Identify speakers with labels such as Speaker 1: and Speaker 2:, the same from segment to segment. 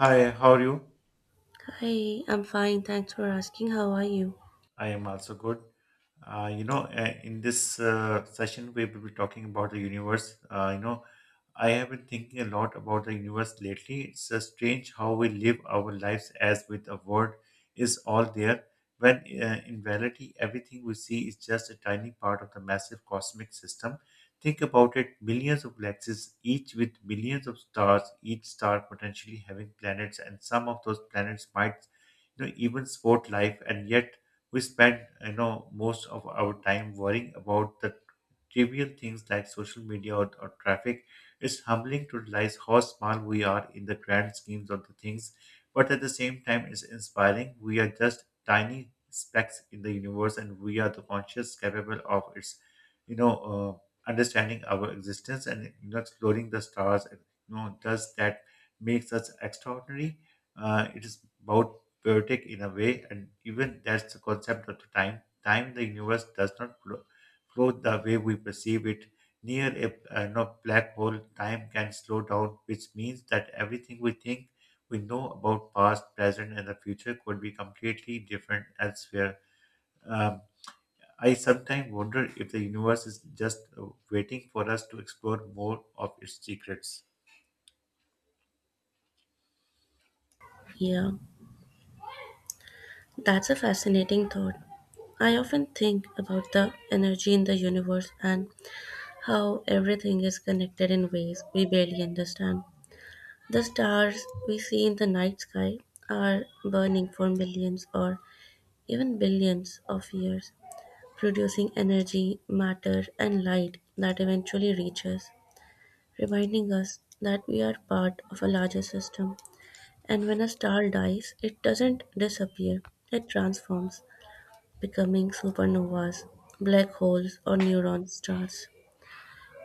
Speaker 1: Hi, how are you?
Speaker 2: Hi, I'm fine. Thanks for asking. How are you?
Speaker 1: I am also good. In this session, we will be talking about the universe. I have been thinking a lot about the universe lately. It's strange how we live our lives as with the world is all there, when in reality, everything we see is just a tiny part of the massive cosmic system. Think about it millions of galaxies, each with millions of stars, each star potentially having planets, and some of those planets might even support life, and yet we spend most of our time worrying about the trivial things like social media or traffic. It's humbling to realize how small we are in the grand schemes of the things, but at the same time, it's inspiring. We are just tiny specks in the universe, and we are the conscious capable of its, you know, understanding our existence and exploring the stars. And does that makes us extraordinary? It is about poetic in a way, and even that's the concept of the time. Time in the universe does not both the way we perceive it. Near a no, black hole, time can slow down, which means that everything we think we know about past, present, and the future could be completely different elsewhere. Um, I sometimes wonder if the universe is just waiting for us to explore more of its secrets.
Speaker 2: Yeah, that's a fascinating thought. I often think about the energy in the universe and how everything is connected in ways we barely understand. The stars we see in the night sky are burning for millions or even billions of years, producing energy, matter, and light that eventually reaches, reminding us that we are part of a larger system. And when a star dies, it doesn't disappear, it transforms, becoming supernovas, black holes, or neutron stars,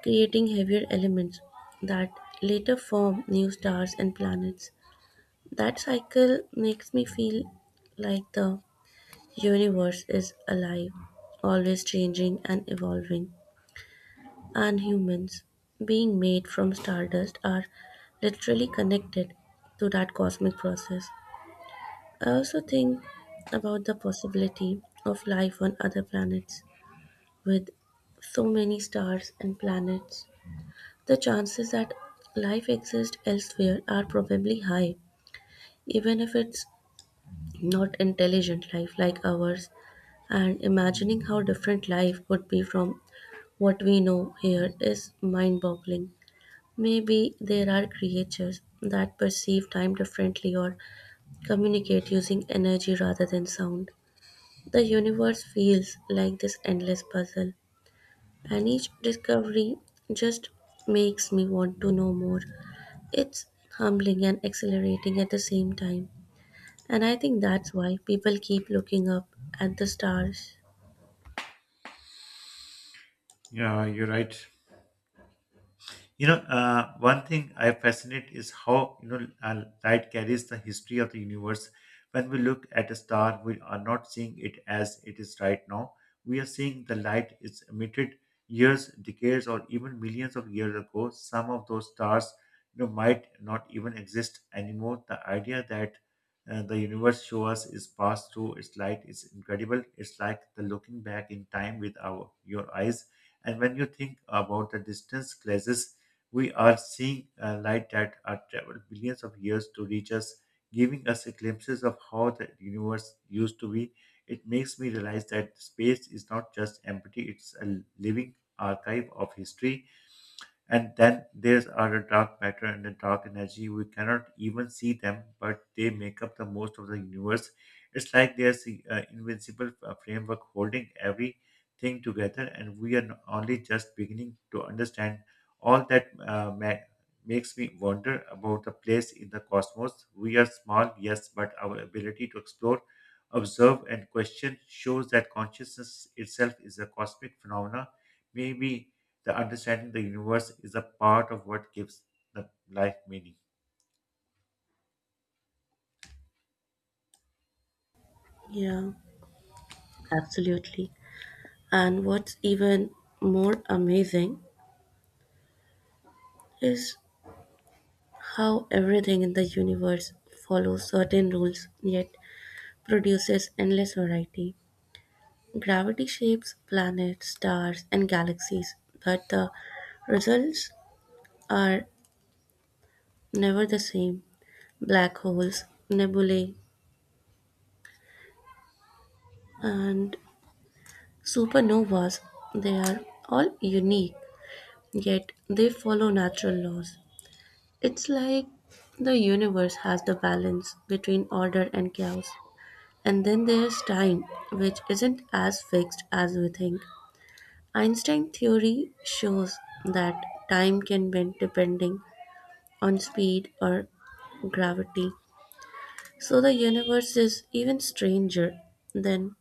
Speaker 2: creating heavier elements that later form new stars and planets. That cycle makes me feel like the universe is alive, always changing and evolving. And humans, being made from stardust, are literally connected to that cosmic process. I also think about the possibility of life on other planets with so many stars and planets. The chances that life exists elsewhere are probably high, even if it's not intelligent life like ours. And imagining how different life could be from what we know here is mind boggling. Maybe there are creatures that perceive time differently or communicate using energy rather than sound. The universe feels like this endless puzzle, and each discovery just makes me want to know more. It's humbling and exhilarating at the same time, and I think that's why people keep looking up at the stars.
Speaker 1: Yeah, you're right. One thing I fascinate is how light carries the history of the universe. When we look at a star, we are not seeing it as it is right now. We are seeing the light is emitted years, decades, or even millions of years ago. Some of those stars might not even exist anymore. The idea that the universe show us is passed through its light is incredible. It's like the looking back in time with our your eyes. And when you think about the distance glasses we are seeing a light that has traveled billions of years to reach us, giving us a glimpses of how the universe used to be. It makes me realize that space is not just empty, it's a living archive of history, and then there's are a dark matter and a dark energy. We cannot even see them, but they make up the most of the universe. It's like there's an invincible framework holding everything together, and we are only just beginning to understand all that makes me wonder about the place in the cosmos. We are small, yes, but our ability to explore, observe, and question shows that consciousness itself is a cosmic phenomena. Maybe the understanding the universe is a part of what gives the life meaning.
Speaker 2: Yeah, absolutely. And what's even more amazing is how everything in the universe follows certain rules yet produces endless variety. Gravity shapes planets, stars, and galaxies, but the results are never the same. Black holes, nebulae, and supernovas, they are all unique, yet they follow natural laws. It's like the universe has the balance between order and chaos. And then there's time, which isn't as fixed as we think. Einstein theory shows that time can bend depending on speed or gravity. So the universe is even stranger than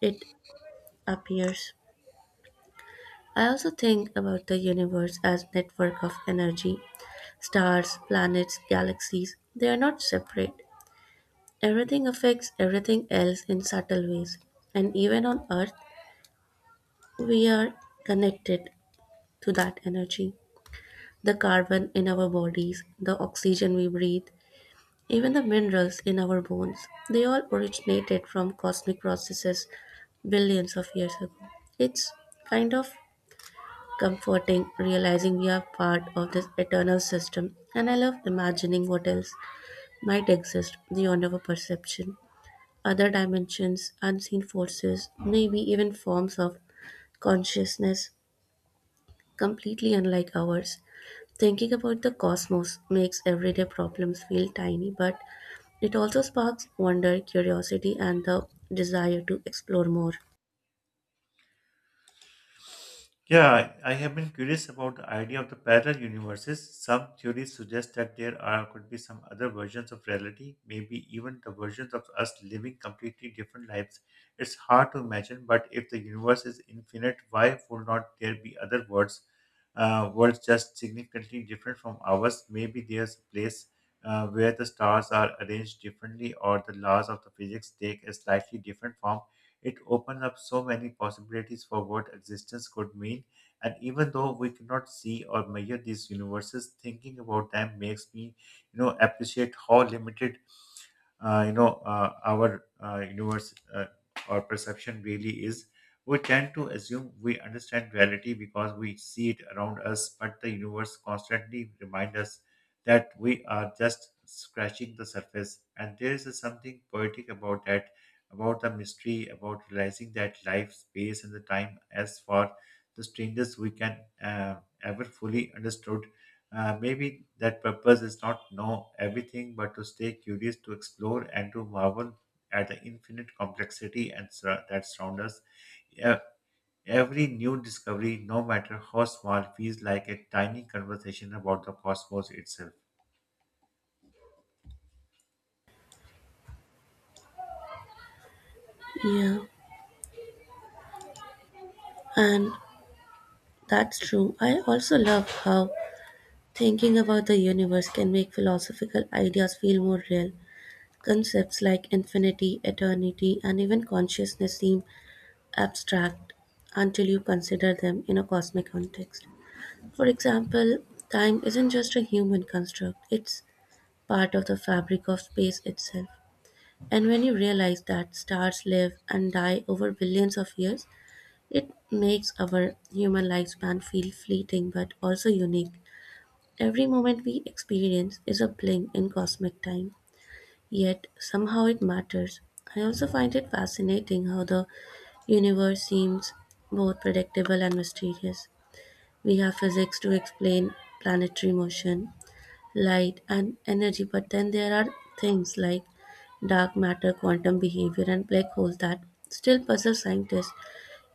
Speaker 2: it appears. I also think about the universe as network of energy, stars, planets, galaxies. They are not separate. Everything affects everything else in subtle ways. And even on earth, we are connected to that energy. The carbon in our bodies, the oxygen we breathe, even the minerals in our bones, they all originated from cosmic processes billions of years ago. It's kind of comforting realizing we are part of this eternal system, and I love imagining what else might exist beyond our perception. Other dimensions, unseen forces, maybe even forms of consciousness completely unlike ours. Thinking about the cosmos makes everyday problems feel tiny but it also sparks wonder, curiosity, and the desire to explore more.
Speaker 1: Yeah, I have been curious about the idea of the parallel universes. Some theories suggest that there are could be some other versions of reality, maybe even the versions of us living completely different lives. It's hard to imagine, but if the universe is infinite, why would not there be other worlds, worlds just significantly different from ours? Maybe there's a place where the stars are arranged differently, or the laws of the physics take a slightly different form. It opens up so many possibilities for what existence could mean. And even though we cannot see or measure these universes, thinking about them makes me appreciate how limited our universe or perception really is. We tend to assume we understand reality because we see it around us, but the universe constantly reminds us that we are just scratching the surface, and there is something poetic about that, about the mystery, about realizing that life space and the time as far the strangest we can ever fully understood. Maybe that purpose is not know everything, but to stay curious, to explore, and to marvel at the infinite complexity and that surrounds us. E- Every new discovery, no matter how small, feels like a tiny conversation about the cosmos itself.
Speaker 2: Yeah, and that's true. I also love how thinking about the universe can make philosophical ideas feel more real. Concepts like infinity, eternity, and even consciousness seem abstract until you consider them in a cosmic context. For example, time isn't just a human construct, it's part of the fabric of space itself. And when you realize that stars live and die over billions of years, it makes our human lifespan feel fleeting but also unique. Every moment we experience is a blink in cosmic time, yet somehow it matters. I also find it fascinating how the universe seems both predictable and mysterious. We have physics to explain planetary motion, light, and energy. But then there are things like dark matter, quantum behavior, and black holes that still puzzle scientists.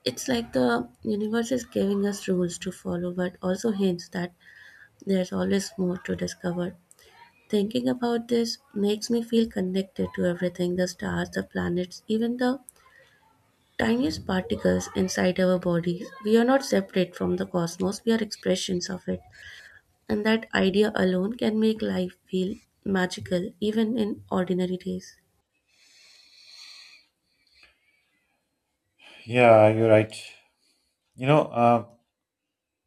Speaker 2: It's like the universe is giving us rules to follow, but also hints that there's always more to discover. Thinking about this makes me feel connected to everything the stars, the planets, even the tiniest particles inside our bodies. We are not separate from the cosmos, we are expressions of it. And that idea alone can make life feel magical even in ordinary days.
Speaker 1: Yeah, you're right. You know, um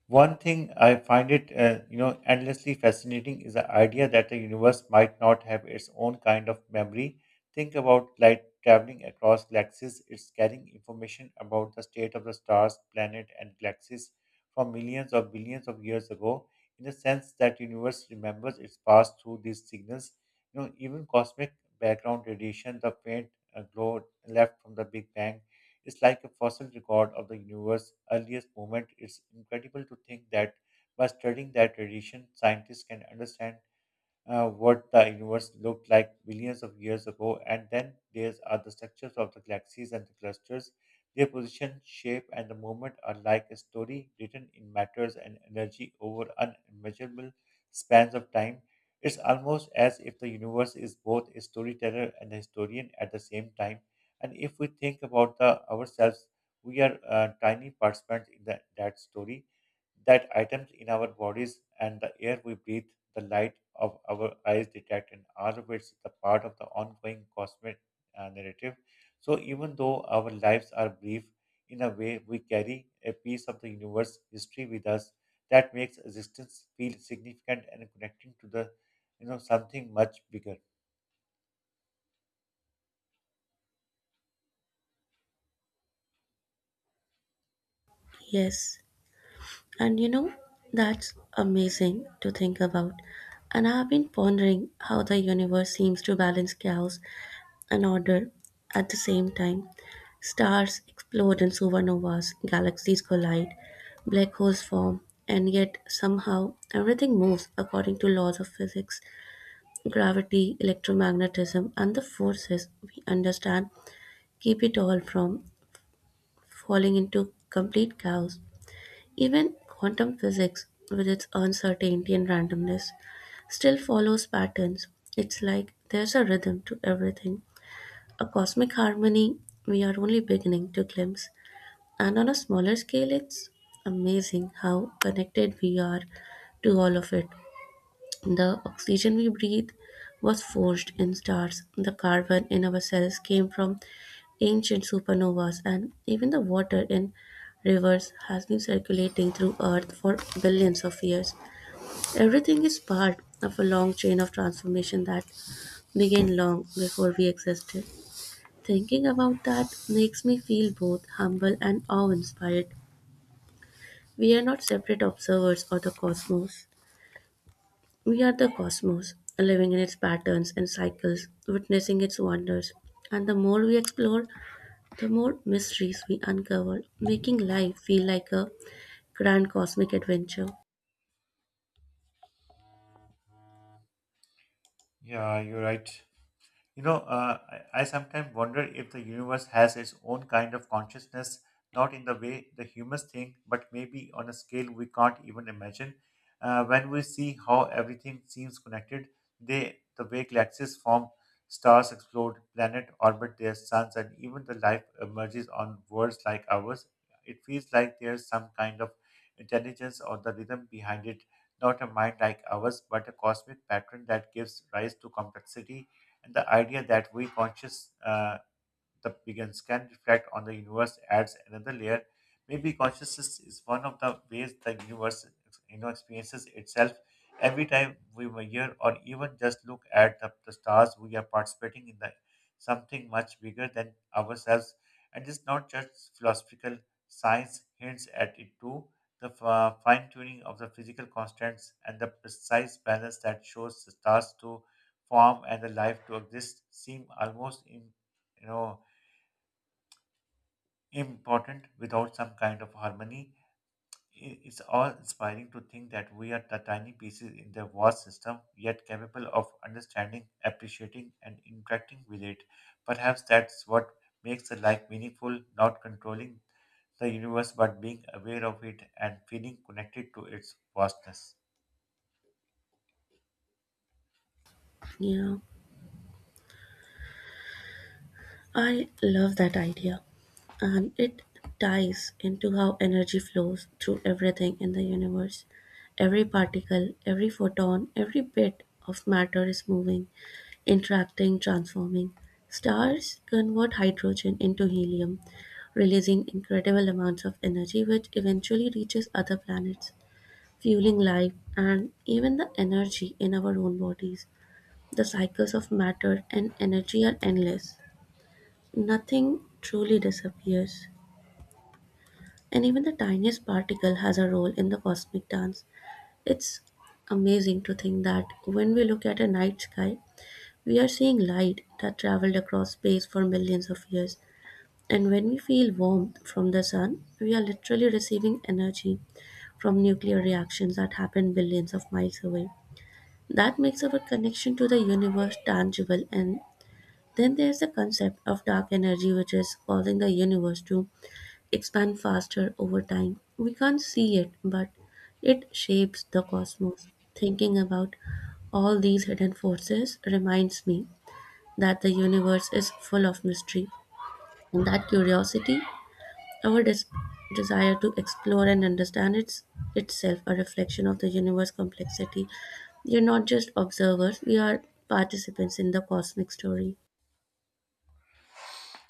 Speaker 1: One thing I find it endlessly fascinating is the idea that the universe might not have its own kind of memory. Think about light traveling across galaxies; it's carrying information about the state of the stars, planet, and galaxies from millions or billions of years ago. In the sense that universe remembers its past through these signals even cosmic background radiation, the faint glow left from the Big Bang, it's like a fossil record of the universe's earliest moment. It's incredible to think that by studying that tradition, scientists can understand what the universe looked like billions of years ago, and then there are the structures of the galaxies and the clusters. Their position, shape, and the movement are like a story written in matters and energy over unmeasurable spans of time. It's almost as if the universe is both a storyteller and a historian at the same time. And if we think about the ourselves, we are tiny participants in that story that items in our bodies and the air we breathe, the light of our eyes detect, and all of it's the part of the ongoing cosmic narrative. So even though our lives are brief, in a way we carry a piece of the universe history with us that makes existence feel significant and connecting to the something much bigger.
Speaker 2: Yes, and you know, that's amazing to think about. And I've been pondering how the universe seems to balance chaos and order at the same time. Stars explode in supernovas, galaxies collide, black holes form, and yet somehow everything moves according to laws of physics, gravity, electromagnetism, and the forces we understand keep it all from falling into complete chaos. Even quantum physics, with its uncertainty and randomness, still follows patterns. It's like there's a rhythm to everything, a cosmic harmony we are only beginning to glimpse. And on a smaller scale, it's amazing how connected we are to all of it. The oxygen we breathe was forged in stars. The carbon in our cells came from ancient supernovas, and even the water in rivers has been circulating through Earth for billions of years. Everything is part of a long chain of transformation that began long before we existed. Thinking about that makes me feel both humble and awe inspired. We are not separate observers of the cosmos. We are the cosmos, living in its patterns and cycles, witnessing its wonders. And the more we explore, the more mysteries we uncover, making life feel like a grand cosmic adventure.
Speaker 1: Yeah, you're right. You know, uh, I sometimes wonder if the universe has its own kind of consciousness, not in the way the humans think, but maybe on a scale we can't even imagine. When we see how everything seems connected, the way galaxies form, stars explode, planets orbit their suns, and even the life emerges on worlds like ours, it feels like there's some kind of intelligence or the rhythm behind it, not a mind like ours, but a cosmic pattern that gives rise to complexity, and the idea that we conscious the begins can reflect on the universe adds another layer. Maybe consciousness is one of the ways the universe experiences itself. Every time we measure or even just look at the stars, we are participating in the something much bigger than ourselves. And it's not just philosophical science hints at it too. The fine tuning of the physical constants and the precise balance that shows the stars to form and the life to exist seem almost in you know important without some kind of harmony. It's all inspiring to think that we are the tiny pieces in the vast system, yet capable of understanding, appreciating, and interacting with it. Perhaps that's what makes a life meaningful, not controlling the universe, but being aware of it and feeling connected to its vastness.
Speaker 2: Yeah. I love that idea, and it ties into how energy flows through everything in the universe. Every particle, every photon, every bit of matter is moving, interacting, transforming. Stars convert hydrogen into helium, releasing incredible amounts of energy, which eventually reaches other planets, fueling life and even the energy in our own bodies. The cycles of matter and energy are endless. Nothing truly disappears, and even the tiniest particle has a role in the cosmic dance. It's amazing to think that when we look at a night sky, we are seeing light that traveled across space for millions of years. And when we feel warmth from the sun, we are literally receiving energy from nuclear reactions that happen billions of miles away. That makes our connection to the universe tangible. And then there's the concept of dark energy, which is causing the universe to expand faster over time. We can't see it, but it shapes the cosmos. Thinking about all these hidden forces reminds me that the universe is full of mystery, and that curiosity, our desire to explore and understand itself, a reflection of the universe complexity. We are not just observers; we are participants in the cosmic story.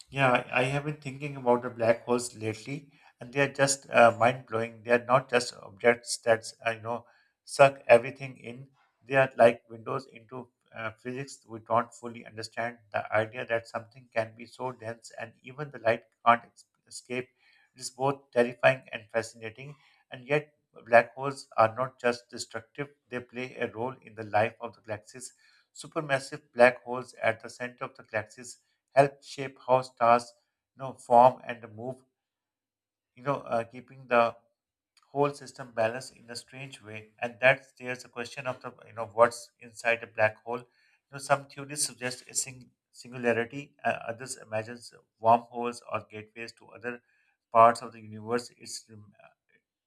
Speaker 1: Yeah, I have been thinking about the black holes lately, and they are just mind-blowing. They are not just objects that suck everything in. They are like windows into physics we don't fully understand. The idea that something can be so dense and even the light can't escape is both terrifying and fascinating. And yet, black holes are not just destructive; they play a role in the life of the galaxies. Supermassive black holes at the center of the galaxies help shape how stars form and move keeping the whole system balanced in a strange way. And that's there's a question of the what's inside a black hole. Some theories suggest a singularity. Others imagines wormholes or gateways to other parts of the universe. it's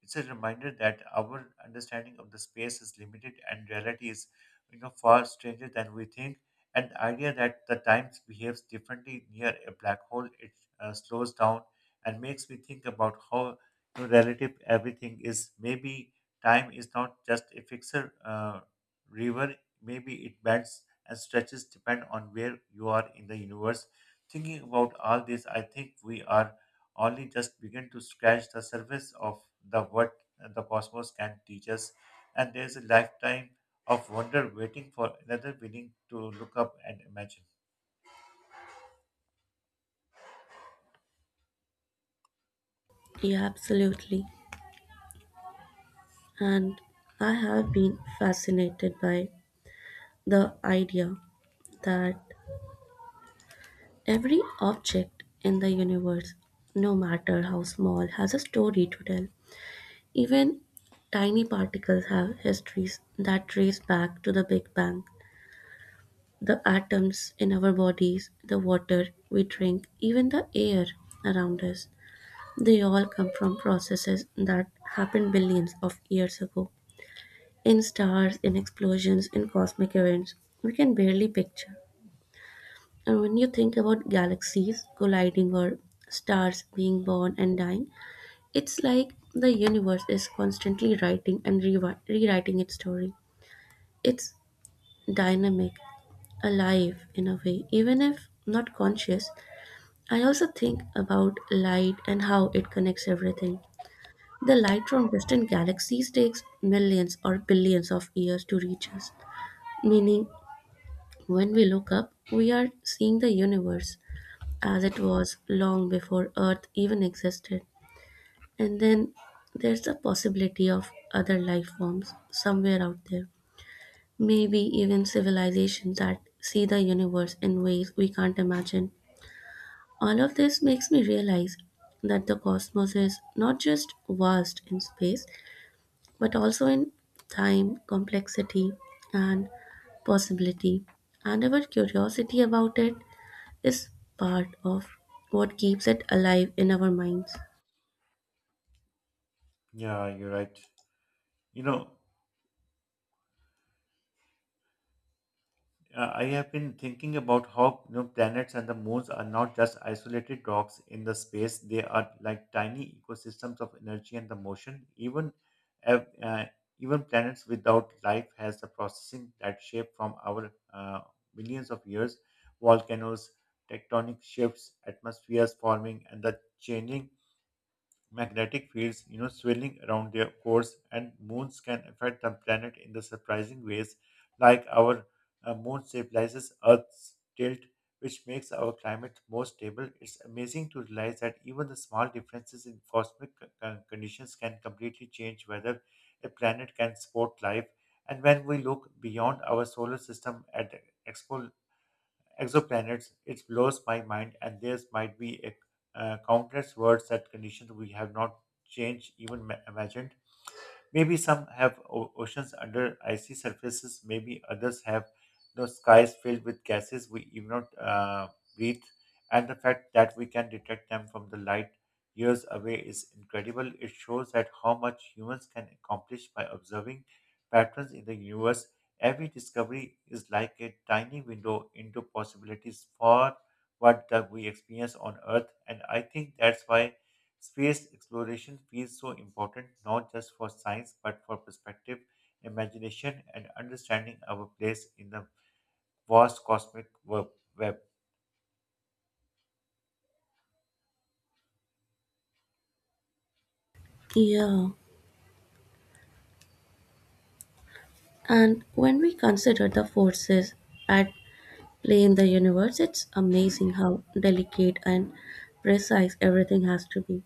Speaker 1: it's a reminder that our understanding of the space is limited and reality is far stranger than we think. And the idea that the time behaves differently near a black hole, it slows down and makes me think about how relative everything is. Maybe time is not just a fixer river. Maybe it bends and stretches depend on where you are in the universe. Thinking about all this, I think we are only just begin to scratch the surface of the what the cosmos can teach us, and there's a lifetime of wonder waiting for another willing to look up and imagine.
Speaker 2: Yeah, absolutely. And I have been fascinated by the idea that every object in the universe, no matter how small, has a story to tell. Even tiny particles have histories that trace back to the Big Bang. The atoms in our bodies, the water we drink, even the air around us, they all come from processes that happened billions of years ago. In stars, in explosions, in cosmic events, we can barely picture. And when you think about galaxies colliding or stars being born and dying, it's like the universe is constantly writing and rewriting its story. It's dynamic, alive in a way, even if not conscious. I also think about light and how it connects everything. The light from distant galaxies takes millions or billions of years to reach us, meaning when we look up, we are seeing the universe as it was long before Earth even existed. And then there's the possibility of other life forms somewhere out there. Maybe even civilizations that see the universe in ways we can't imagine. All of this makes me realize that the cosmos is not just vast in space, but also in time, complexity, and possibility. And our curiosity about it is part of what keeps it alive in our minds.
Speaker 1: Yeah, you're right. You know, I have been thinking about how planets and the moons are not just isolated rocks in the space. They are like tiny ecosystems of energy and the motion. Ev- uh, even planets without life has the processing that shape from our millions of years. Volcanoes, tectonic shifts, atmospheres forming, and the changing magnetic fields, you know, swirling around their cores, and moons can affect the planet in the surprising ways, like our moon stabilizes Earth's tilt, which makes our climate more stable. It's amazing to realize that even the small differences in cosmic conditions can completely change whether a planet can support life. And when we look beyond our solar system at the expo exoplanets, it blows my mind, and there might be countless worlds that conditions we have not changed even imagined. Maybe some have oceans under icy surfaces. Maybe others have no skies filled with gases we even not breathe. And the fact that we can detect them from the light years away is incredible. It shows that how much humans can accomplish by observing patterns in the universe. Every discovery is like a tiny window into possibilities for what that we experience on earth, and I think that's why space exploration feels so important, not just for science but for perspective, imagination, and understanding our place in the vast cosmic web.
Speaker 2: Yeah, and when we consider the forces at play in the universe, it's amazing how delicate and precise everything has to be.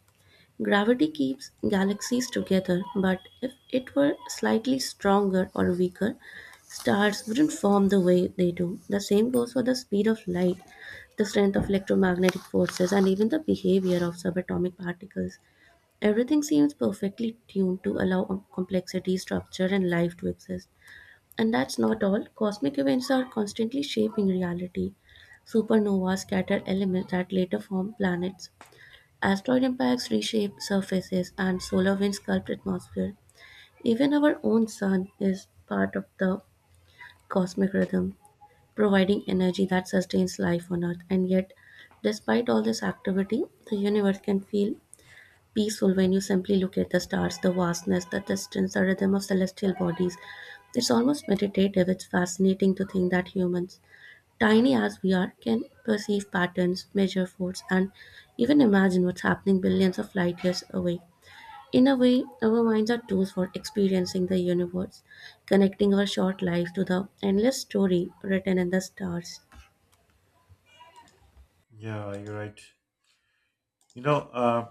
Speaker 2: Gravity keeps galaxies together, but if it were slightly stronger or weaker, stars wouldn't form the way they do. The same goes for the speed of light, the strength of electromagnetic forces, and even the behavior of subatomic particles. Everything seems perfectly tuned to allow complexity, structure, and life to exist. And that's not all. Cosmic events are constantly shaping reality. Supernovas scatter elements that later form planets. Asteroid impacts reshape surfaces, and solar winds sculpt atmosphere. Even our own sun is part of the cosmic rhythm, providing energy that sustains life on Earth. And yet, despite all this activity, the universe can feel peaceful when you simply look at the stars, the vastness, the distance, the rhythm of celestial bodies. It's almost meditative. It's fascinating to think that humans, tiny as we are, can perceive patterns, measure force, and even imagine what's happening billions of light years away. In a way, our minds are tools for experiencing the universe, connecting our short lives to the endless story written in the stars.
Speaker 1: Yeah, you're right. You know,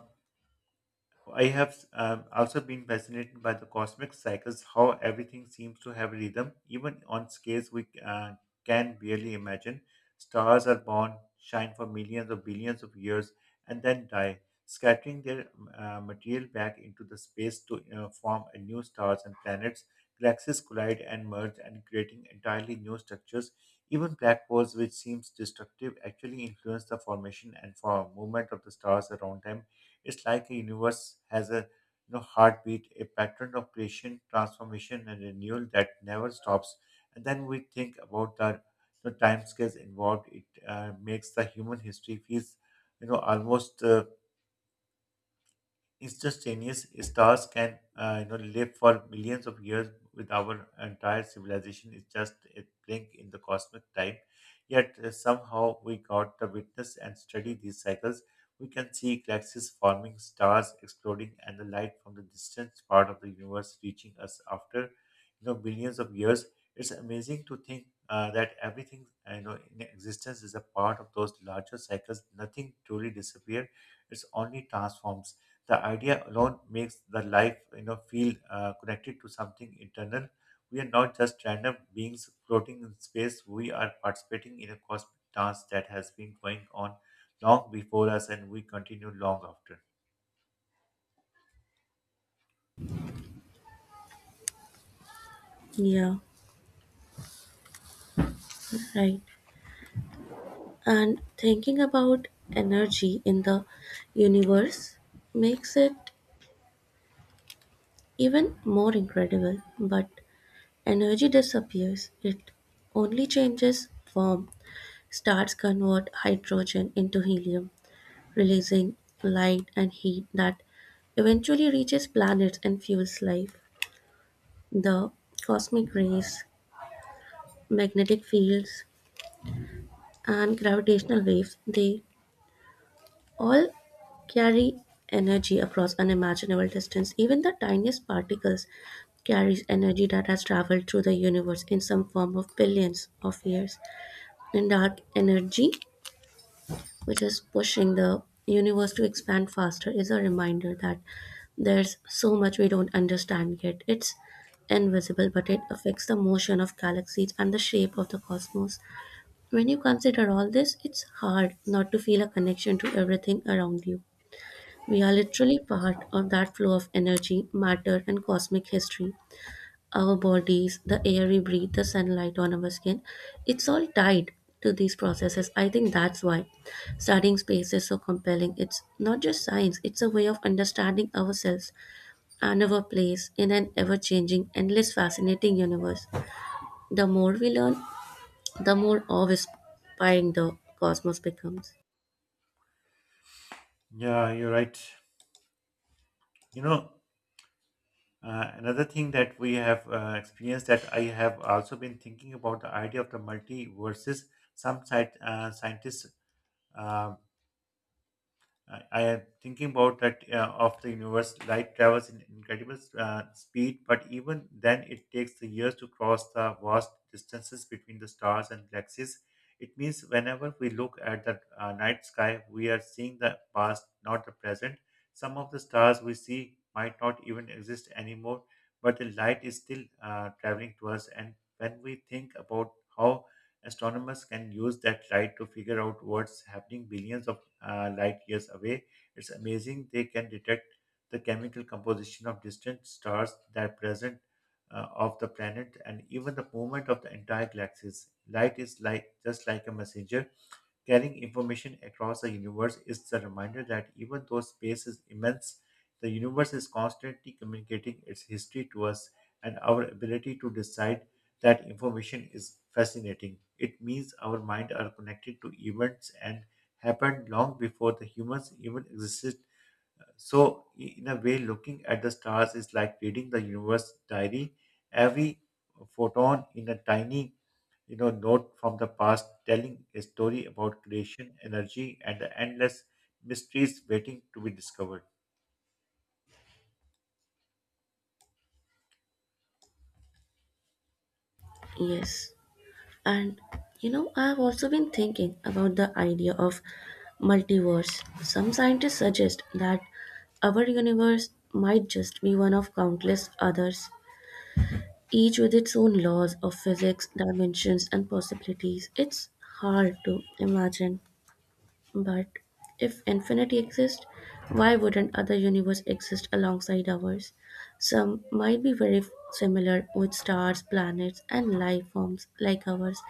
Speaker 1: I have also been fascinated by the cosmic cycles, how everything seems to have rhythm, even on scales we can barely imagine. Stars are born, shine for millions or billions of years, and then die, scattering their material back into the space to form a new stars and planets. Galaxies collide and merge, and creating entirely new structures. Even black holes, which seems destructive, actually influence the formation and form movement of the stars around them. It's like a universe has a, you know, heartbeat, a pattern of creation, transformation, and renewal that never stops. And then we think about the time scales involved. It makes the human history feels, you know, almost instantaneous. Stars can, you know, live for millions of years, with our entire civilization is just a blink in the cosmic time. Yet somehow we got to witness and study these cycles. We can see galaxies forming, stars exploding, and the light from the distant part of the universe reaching us after, you know, billions of years. It's amazing to think that everything, you know, in existence is a part of those larger cycles. Nothing truly disappears, it's only transforms. The idea alone makes the life, you know, feel connected to something internal. We are not just random beings floating in space, we are participating in a cosmic dance that has been going on long before us, and we continue long after.
Speaker 2: Yeah, right. And thinking about energy in the universe makes it even more incredible. But energy disappears, it only changes form. Stars convert hydrogen into helium, releasing light and heat that eventually reaches planets and fuels life. The cosmic rays, magnetic fields, and gravitational waves they all carry energy across unimaginable distance. Even the tiniest particles carries energy that has traveled through the universe in some form of billions of years. And dark energy, which is pushing the universe to expand faster, is a reminder that there's so much we don't understand yet. It's invisible, but it affects the motion of galaxies and the shape of the cosmos. When you consider all this, it's hard not to feel a connection to everything around you. We are literally part of that flow of energy, matter, and cosmic history. Our bodies, the air we breathe, the sunlight on our skin, it's all tied to these processes. I think that's why studying space is so compelling. It's not just science, it's a way of understanding ourselves and our place in an ever changing, endless, fascinating universe. The more we learn, the more awe inspiring the cosmos becomes.
Speaker 1: Yeah, you're right. You know, another thing that we have experienced that I have also been thinking about the idea of the multiverses. Some scientists, um, I am thinking about that of the universe. Light travels in incredible speed, but even then, it takes the years to cross the vast distances between the stars and galaxies. It means whenever we look at the night sky, we are seeing the past, not the present. Some of the stars we see might not even exist anymore, but the light is still traveling to us. And when we think about how astronomers can use that light to figure out what's happening billions of light years away. It's amazing they can detect the chemical composition of distant stars that are present of the planet and even the movement of the entire galaxies. Light is like just like a messenger carrying information across the universe is the reminder that even though space is immense, the universe is constantly communicating its history to us, and our ability to decide that information is fascinating. It means our minds are connected to events and happened long before the humans even existed. So, in a way, looking at the stars is like reading the universe diary. Every photon in a tiny, you know, note from the past, telling a story about creation, energy, and the endless mysteries waiting to be discovered.
Speaker 2: Yes. And you know, I've also been thinking about the idea of multiverse. Some scientists suggest that our universe might just be one of countless others, each with its own laws of physics, dimensions, and possibilities. It's hard to imagine, but if infinity exists, why wouldn't other universe exist alongside ours? Some might be very similar with stars, planets, and life forms like ours,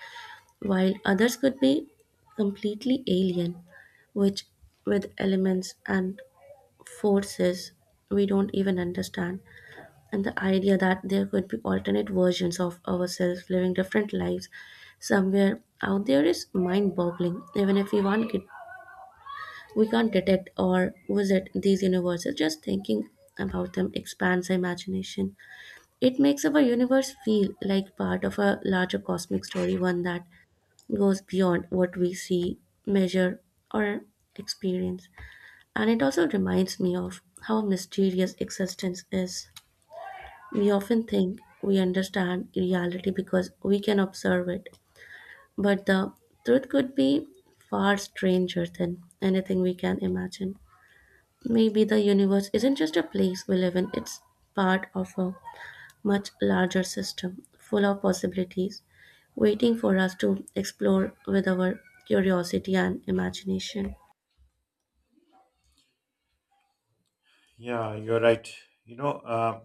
Speaker 2: while others could be completely alien, which with elements and forces we don't even understand. And the idea that there could be alternate versions of ourselves living different lives somewhere out there is mind boggling. Even if we want it, we can't detect or visit these universes, just thinking about them expands our imagination. It makes our universe feel like part of a larger cosmic story, one that goes beyond what we see, measure, or experience. And it also reminds me of how mysterious existence is. We often think we understand reality because we can observe it, but the truth could be far stranger than anything we can imagine. Maybe the universe isn't just a place we live in, it's part of a much larger system, full of possibilities, waiting for us to explore with our curiosity and imagination.
Speaker 1: Yeah, you're right. You know,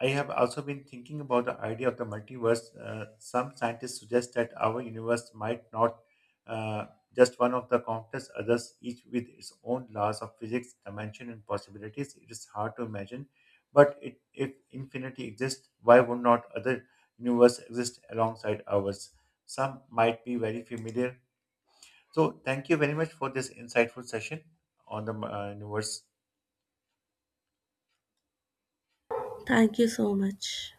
Speaker 1: I have also been thinking about the idea of the multiverse. Some scientists suggest that our universe might not uh, just one of the countless others, each with its own laws of physics, dimension, and possibilities. It is hard to imagine, but it, if infinity exists, why would not other universe exist alongside ours? Some might be very familiar. So, thank you very much for this insightful session on the universe.
Speaker 2: Thank you so much.